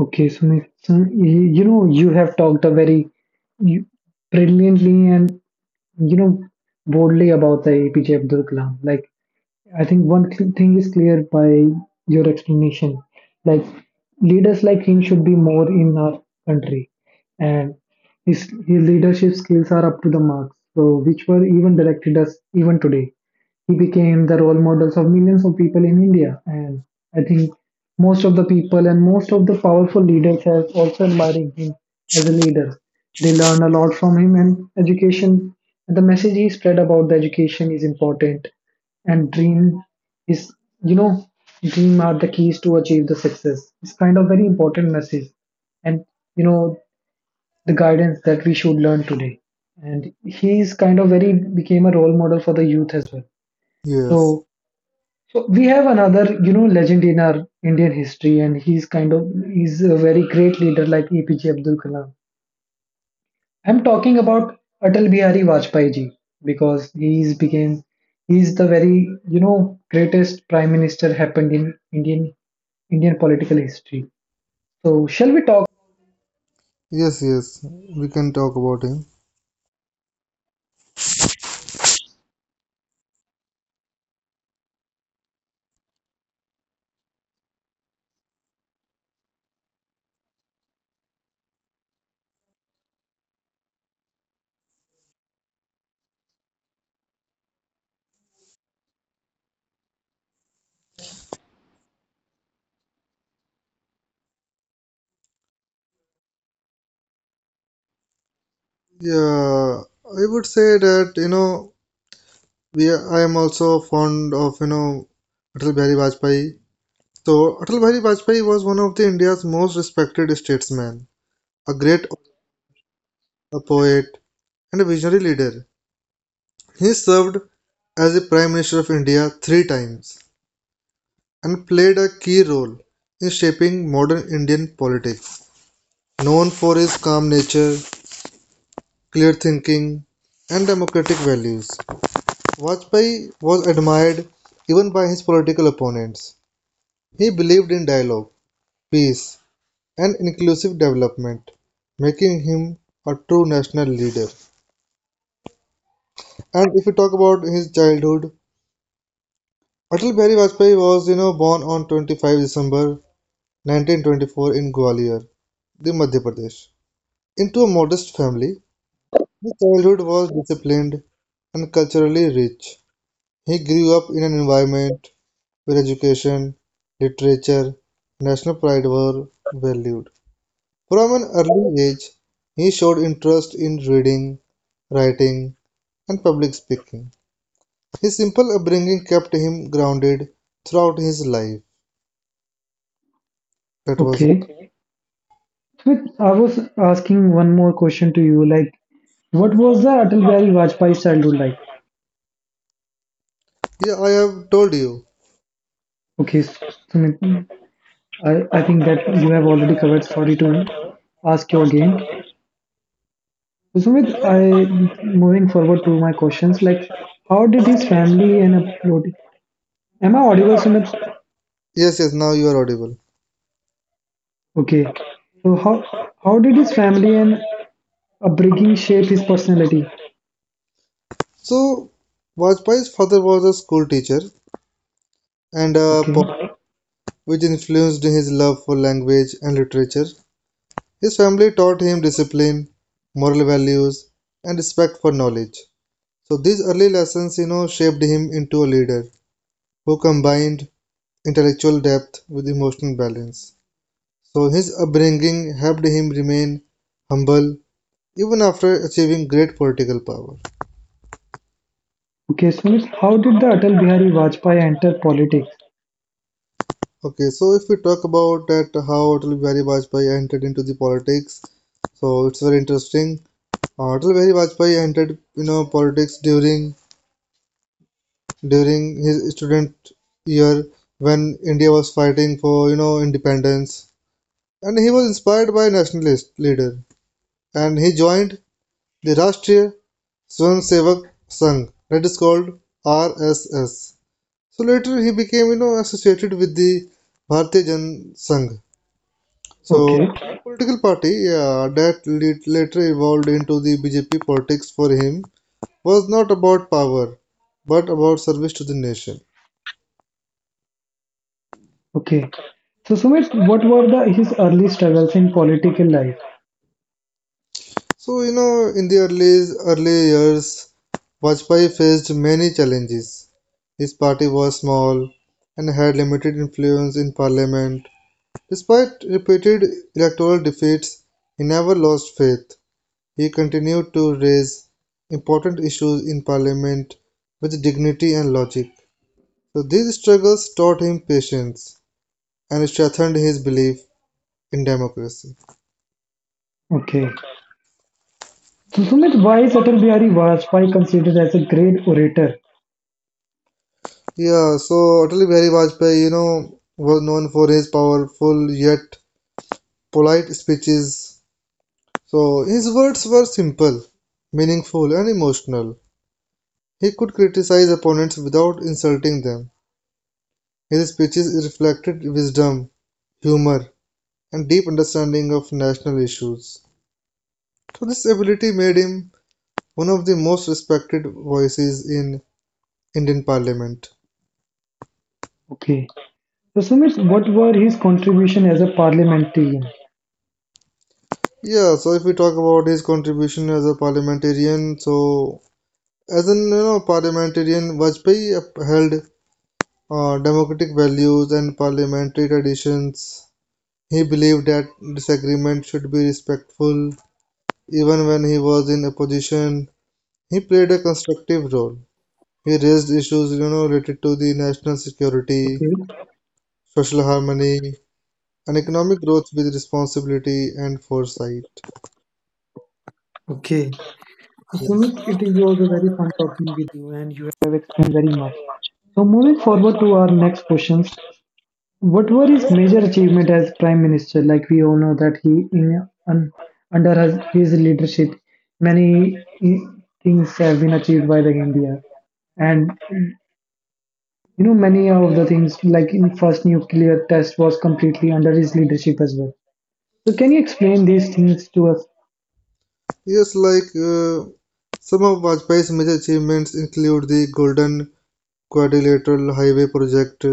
Speaker 1: Okay, so, so you you know, you have talked a very you, brilliantly and you know, broadly about the A P J Abdul Kalam. Like, I think one cl- thing is clear by your explanation. Like, leaders like him should be more in our country, and his his leadership skills are up to the marks. So, which were even directed us even today he became the role models of millions of people in India. And I think most of the people and most of the powerful leaders have also admiring him as a leader. They learn a lot from him and education. And the message he spread about the education is important and dream is you know dream are the keys to achieve the success. It's kind of very important message and you know the guidance that we should learn today. And he is kind of very became a role model for the youth as well.
Speaker 2: Yes,
Speaker 1: So so we have another, you know, legend in our Indian history, and he's kind of he's a very great leader like A P J Abdul Kalam. I'm talking about Atal Bihari Vajpayee ji because he's became he's the very you know greatest prime minister happened in Indian Indian political history. So shall we talk?
Speaker 2: yes, yes. We can talk about him. Yeah, I would say that you know we are, I am also fond of you know Atal Bihari Vajpayee. So Atal Bihari Vajpayee was one of the India's most respected statesmen, a great, a poet, and a visionary leader. He served as the Prime Minister of India three times and played a key role in shaping modern Indian politics. Known for his calm nature, clear thinking, and democratic values, Vajpayee was admired even by his political opponents. He believed in dialogue, peace, and inclusive development, making him a true national leader. And if we talk about his childhood, Atal Bihari Vajpayee was, you know, born on twenty-fifth of December nineteen twenty-four in Gwalior, the Madhya Pradesh, into a modest family. His childhood was disciplined and culturally rich. He grew up in an environment where education, literature, national pride were valued. From an early age, he showed interest in reading, writing, and public speaking. His simple upbringing kept him grounded throughout his life. That was all.
Speaker 1: Okay.
Speaker 2: Okay.
Speaker 1: But I was asking one more question to you, like what was the Atal Bihari Vajpayee's childhood like?
Speaker 2: Yeah, I have told you.
Speaker 1: Okay, S- Sumit, I, I think that you have already covered. Sorry to ask you again. So, Sumit, I moving forward to my questions, like how did his family and upbringing? Am I audible, Sumit?
Speaker 2: Yes, yes, now you are audible.
Speaker 1: Okay. So how how did his family and upbringing shape his personality?
Speaker 2: So, Vajpayee's father was a school teacher and a
Speaker 1: Okay.
Speaker 2: poet, which influenced his love for language and literature. His family taught him discipline, moral values, and respect for knowledge. So these early lessons, you know, shaped him into a leader who combined intellectual depth with emotional balance. So his upbringing helped him remain humble even after achieving great political power.
Speaker 1: Okay, Sumit, how did the Atal Bihari Vajpayee enter politics?
Speaker 2: Okay, so if we talk about that how Atal Bihari Vajpayee entered into the politics, so it's very interesting. Uh, Atal Bihari Vajpayee entered, you know, politics during during his student year when India was fighting for you know independence, and he was inspired by nationalist leader, and he joined the Rashtriya Swamsevak Sangh, that is called R S S. So later he became you know associated with the Bharatiya Jan Sangh. So
Speaker 1: Okay.
Speaker 2: political party yeah, that lit- later evolved into the B J P. Politics for him was not about power but about service to the nation.
Speaker 1: Okay. So, Sumit, what were the his early struggles in political life?
Speaker 2: So, you know, in the early, early years, Vajpayee faced many challenges. His party was small and had limited influence in parliament. Despite repeated electoral defeats, he never lost faith. He continued to raise important issues in parliament with dignity and logic. So, these struggles taught him patience and strengthened his belief in democracy.
Speaker 1: Okay. So, Sumit, why is Atal Bihari Vajpayee considered as a great orator?
Speaker 2: Yeah, so Atal Bihari Vajpayee, you know, was known for his powerful yet polite speeches. So his words were simple, meaningful, and emotional. He could criticize opponents without insulting them. His speeches reflected wisdom, humor, and deep understanding of national issues. So this ability made him one of the most respected voices in Indian parliament.
Speaker 1: Okay. So, Sumit, what were his contribution as a parliamentarian?
Speaker 2: Yeah, so if we talk about his contribution as a parliamentarian, so as an you know, parliamentarian, Vajpayee upheld, uh, democratic values and parliamentary traditions. He believed that disagreement should be respectful, even when he was in opposition. He played a constructive role. He raised issues you know related to the national security,
Speaker 1: Okay.
Speaker 2: social harmony, and economic growth with responsibility and foresight.
Speaker 1: Okay. So, Sumit, it is also very fun talking with you, and you have explained very much. So, moving forward to our next questions. What were his major achievement as prime minister? Like we all know that he in un, under his, his leadership, many i- things have been achieved by the India, and you know many of the things like in first nuclear test was completely under his leadership as well. So can you explain these things to us?
Speaker 2: Yes, like uh, some of Vajpayee's major achievements include the Golden Quadrilateral Highway Project,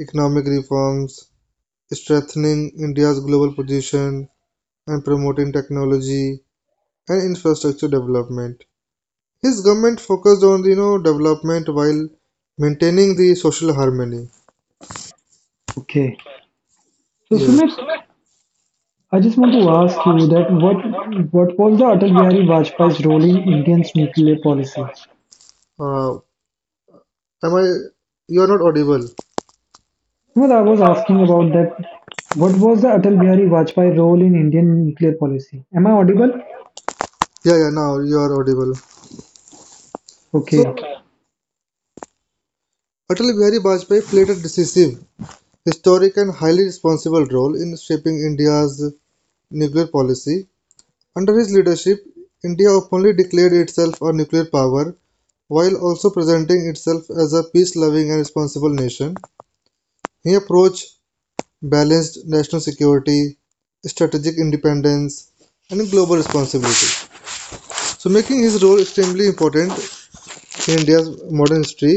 Speaker 2: economic reforms, strengthening India's global position, and promoting technology and infrastructure development. His government focused on you know development while maintaining the social harmony.
Speaker 1: Okay. So
Speaker 2: Yes.
Speaker 1: Sumit, I just want to ask you that what what was the Atal Bihari Vajpayee's role in Indian's nuclear policy?
Speaker 2: Uh, am I? You are not audible.
Speaker 1: Well, I was asking about that. What was the Atal Bihari Vajpayee role in Indian nuclear policy? Am I audible?
Speaker 2: Yeah, yeah. Now you are audible. So,
Speaker 1: Okay.
Speaker 2: Atal Bihari Vajpayee played a decisive, historic, and highly responsible role in shaping India's nuclear policy. Under his leadership, India openly declared itself a nuclear power, while also presenting itself as a peace-loving and responsible nation. He approach balanced national security, strategic independence, and global responsibility, so making his role extremely important in India's modern history.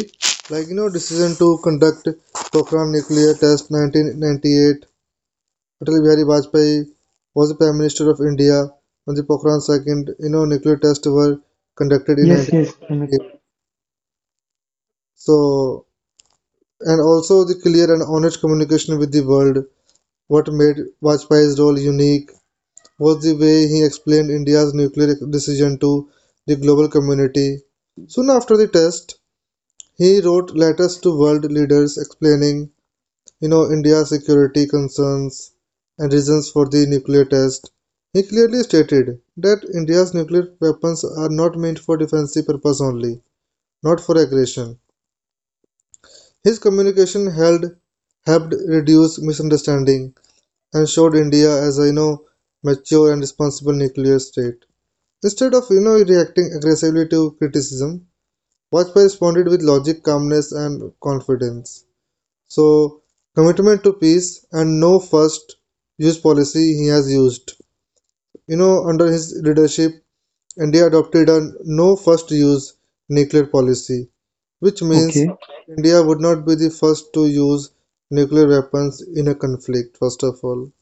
Speaker 2: Like, you know, decision to conduct Pokhran nuclear test nineteen ninety-eight, Atal Bihari Vajpayee was the Prime Minister of India when the Pokhran second you know nuclear tests were conducted in
Speaker 1: Yes, yes, Sumit.
Speaker 2: nineteen eighty-eight. So and also the clear and honest communication with the world. What made Vajpayee's role unique was the way he explained India's nuclear decision to the global community. Soon after the test, he wrote letters to world leaders explaining you know, India's security concerns and reasons for the nuclear test. He clearly stated that India's nuclear weapons are not meant for defensive purpose only, not for aggression. His communication held helped reduce misunderstanding and showed India as a you know mature and responsible nuclear state. Instead of you know reacting aggressively to criticism, Vajpayee responded with logic, calmness, and confidence. So, commitment to peace and no first use policy he has used. You know, under his leadership, India adopted a no first use nuclear policy, which means
Speaker 1: Okay,
Speaker 2: India would not be the first to use nuclear weapons in a conflict, first of all.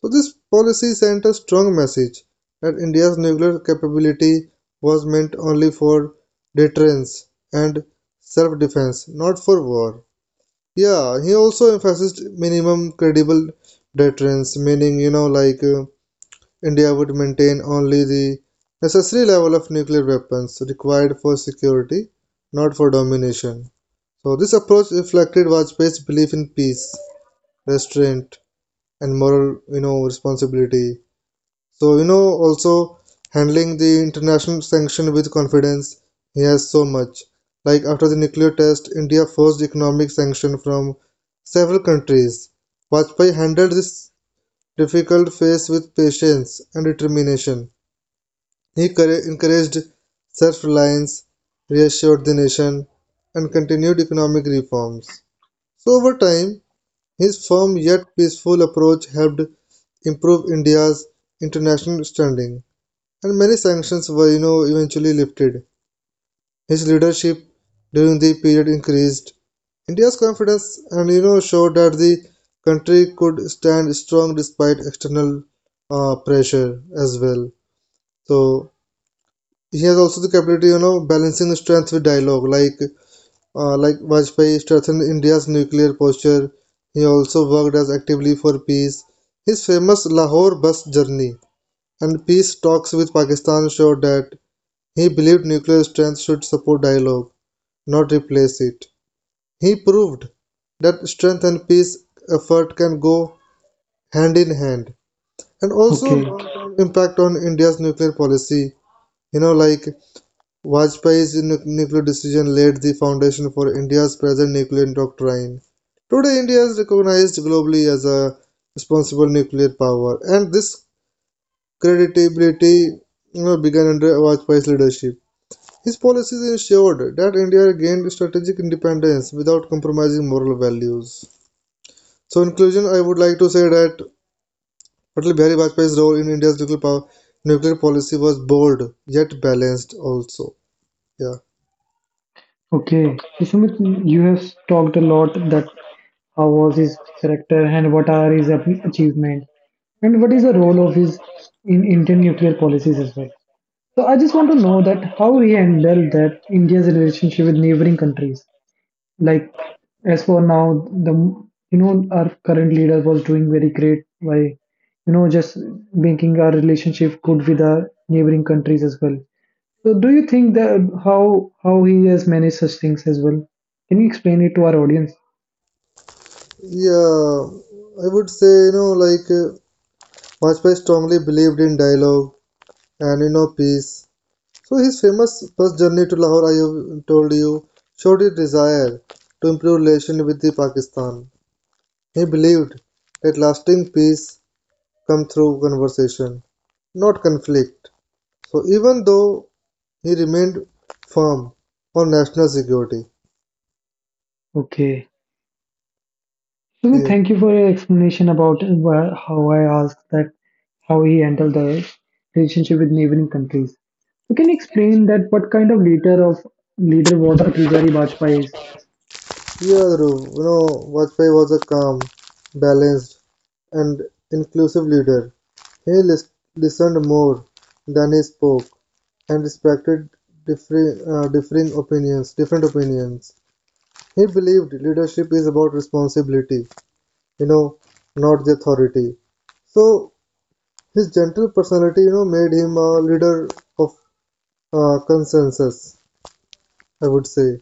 Speaker 2: So this policy sent a strong message that India's nuclear capability was meant only for deterrence and self-defense, not for war. Yeah, he also emphasized minimum credible deterrence, meaning, you know, like uh, India would maintain only the necessary level of nuclear weapons required for security, not for domination. So this approach reflected Vajpayee's belief in peace, restraint, and moral, you know, responsibility. So, you know, also handling the international sanction with confidence, he has so much. Like after the nuclear test, India forced economic sanction from several countries. Vajpayee handled this difficult phase with patience and determination. He cour- encouraged self reliance, reassured the nation, and continued economic reforms. So, over time, his firm yet peaceful approach helped improve India's international standing, and many sanctions were you know eventually lifted. His leadership during the period increased India's confidence and you know showed that the country could stand strong despite external uh, pressure as well. So he has also the capability, you know, balancing strength with dialogue. Like uh, like Vajpayee strengthened India's nuclear posture. He also worked as actively for peace. His famous Lahore bus journey and peace talks with Pakistan showed that he believed nuclear strength should support dialogue, not replace it. He proved that strength and peace effort can go hand in hand. And also
Speaker 1: okay,
Speaker 2: long-term impact on India's nuclear policy. You know, like Vajpayee's nuclear decision laid the foundation for India's present nuclear doctrine. Today, India is recognized globally as a responsible nuclear power, and this credibility you know, began under Vajpayee's leadership. His policies ensured that India gained strategic independence without compromising moral values. So, in conclusion, I would like to say that Atal Bihari Vajpayee's role in India's nuclear power, nuclear policy was bold yet balanced. Also, yeah,
Speaker 1: okay. So, Sumit, you have talked a lot that how was his character and what are his ap- achievements and what is the role of his in Indian nuclear policies as well. So, I just want to know that how he handled that India's relationship with neighboring countries. Like as for now, the you know our current leader was doing very great by you know just making our relationship good with our neighboring countries as well. So do you think that how how he has managed such things as well? Can you explain it to our audience?
Speaker 2: yeah, I would say you know like uh, Vajpayee strongly believed in dialogue and you know peace. So his famous bus journey to Lahore, I have told you, showed his desire to improve relation with the Pakistan. He believed that lasting peace comes through conversation, not conflict, so even though he remained firm on national security.
Speaker 1: Okay. So then
Speaker 2: Yes.
Speaker 1: thank you for your explanation about why, how I asked that how he handled the relationship with neighboring countries. You can explain that what kind of leader of leader was Atal Bihari Vajpayee?
Speaker 2: Yeah, Dhruv, you know, Vajpayee was a calm, balanced, and inclusive leader. He lis- listened more than he spoke and respected differing, uh, differing opinions, different opinions. He believed leadership is about responsibility, you know, not the authority. So his gentle personality, you know, made him a leader of uh, consensus, I would say.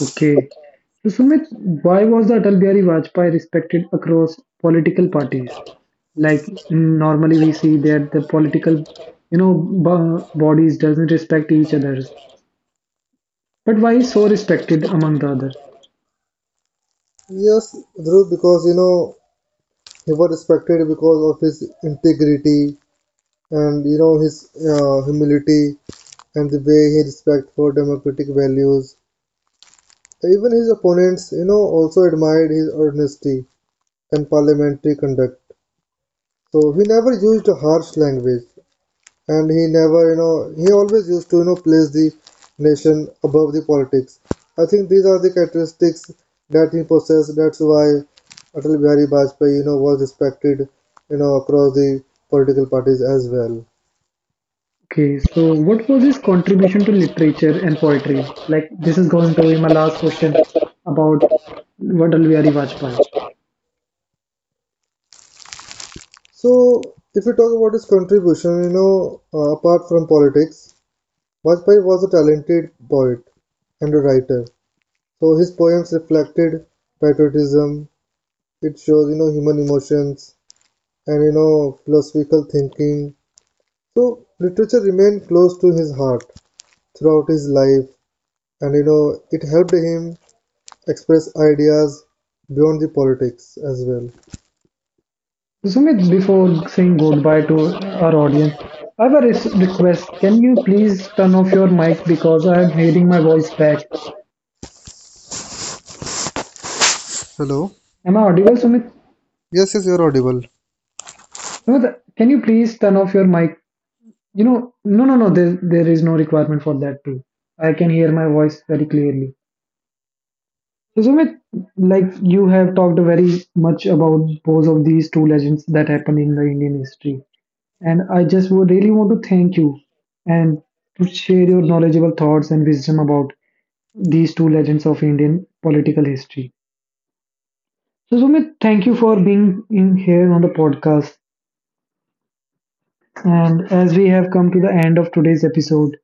Speaker 1: Okay. So Sumit, why was the Atal Bihari Vajpayee respected across political parties? Like mm, normally we see that the political, you know, bo- bodies doesn't respect each others. But why is so respected among the others?
Speaker 2: Yes, Dhruv, because you know he was respected because of his integrity and you know his uh, humility and the way he respect for democratic values. Even his opponents, you know, also admired his honesty and parliamentary conduct. So he never used harsh language, and he never you know he always used to you know place the nation above the politics. I think these are the characteristics that he possessed. That's why Atal Bihari Vajpayee you know was respected you know across the political parties as well.
Speaker 1: Okay, so what was his contribution to literature and poetry? Like this is going to be my last question about what Atal Bihari Vajpayee.
Speaker 2: So if we talk about his contribution, you know uh, apart from politics, Vajpayee was a talented poet and a writer. So his poems reflected patriotism. It shows you know human emotions and you know philosophical thinking. So literature remained close to his heart throughout his life, and you know it helped him express ideas beyond the politics as well.
Speaker 1: Sumit, before saying goodbye to our audience, I have a res- request. Can you please turn off your mic because I am hearing my voice back?
Speaker 2: Hello.
Speaker 1: Am I audible, Sumit?
Speaker 2: Yes, yes, you're audible.
Speaker 1: Sumit, can you please turn off your mic? You know, no, no, no. There, there is no requirement for that too. I can hear my voice very clearly. So, Sumit, like you have talked very much about both of these two legends that happened in the Indian history, and I just would really want to thank you and to share your knowledgeable thoughts and wisdom about these two legends of Indian political history. So, Sumit, thank you for being in here on the podcast. And as we have come to the end of today's episode,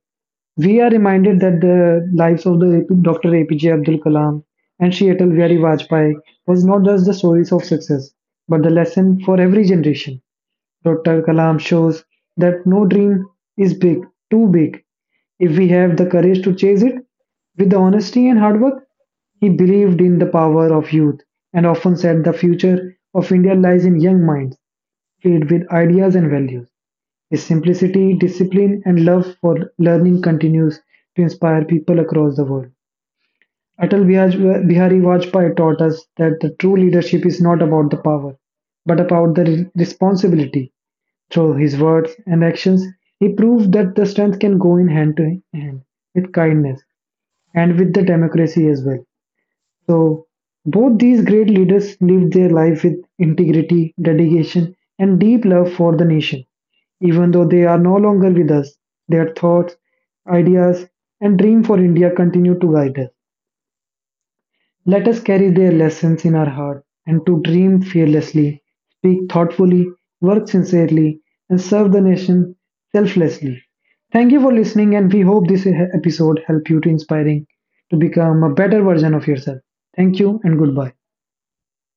Speaker 1: we are reminded that the lives of the Doctor A P J Abdul Kalam and Shri Atal Bihari Vajpayee was not just the stories of success, but the lesson for every generation. Doctor Kalam shows that no dream is big, too big. If we have the courage to chase it with the honesty and hard work, he believed in the power of youth and often said the future of India lies in young minds filled with ideas and values. His simplicity, discipline, and love for learning continues to inspire people across the world. Atal Bihaj- Bihari Vajpayee taught us that the true leadership is not about the power, but about the re- responsibility through his words and actions, he proved that the strength can go in hand to hand with kindness and with the democracy as well. So, both these great leaders lived their life with integrity, dedication, and deep love for the nation. Even though they are no longer with us, their thoughts, ideas, and dream for India continue to guide us. Let us carry their lessons in our heart and to dream fearlessly, speak thoughtfully, work sincerely, and serve the nation selflessly. Thank you for listening, and we hope this episode helped you to inspiring to become a better version of yourself. Thank you and goodbye.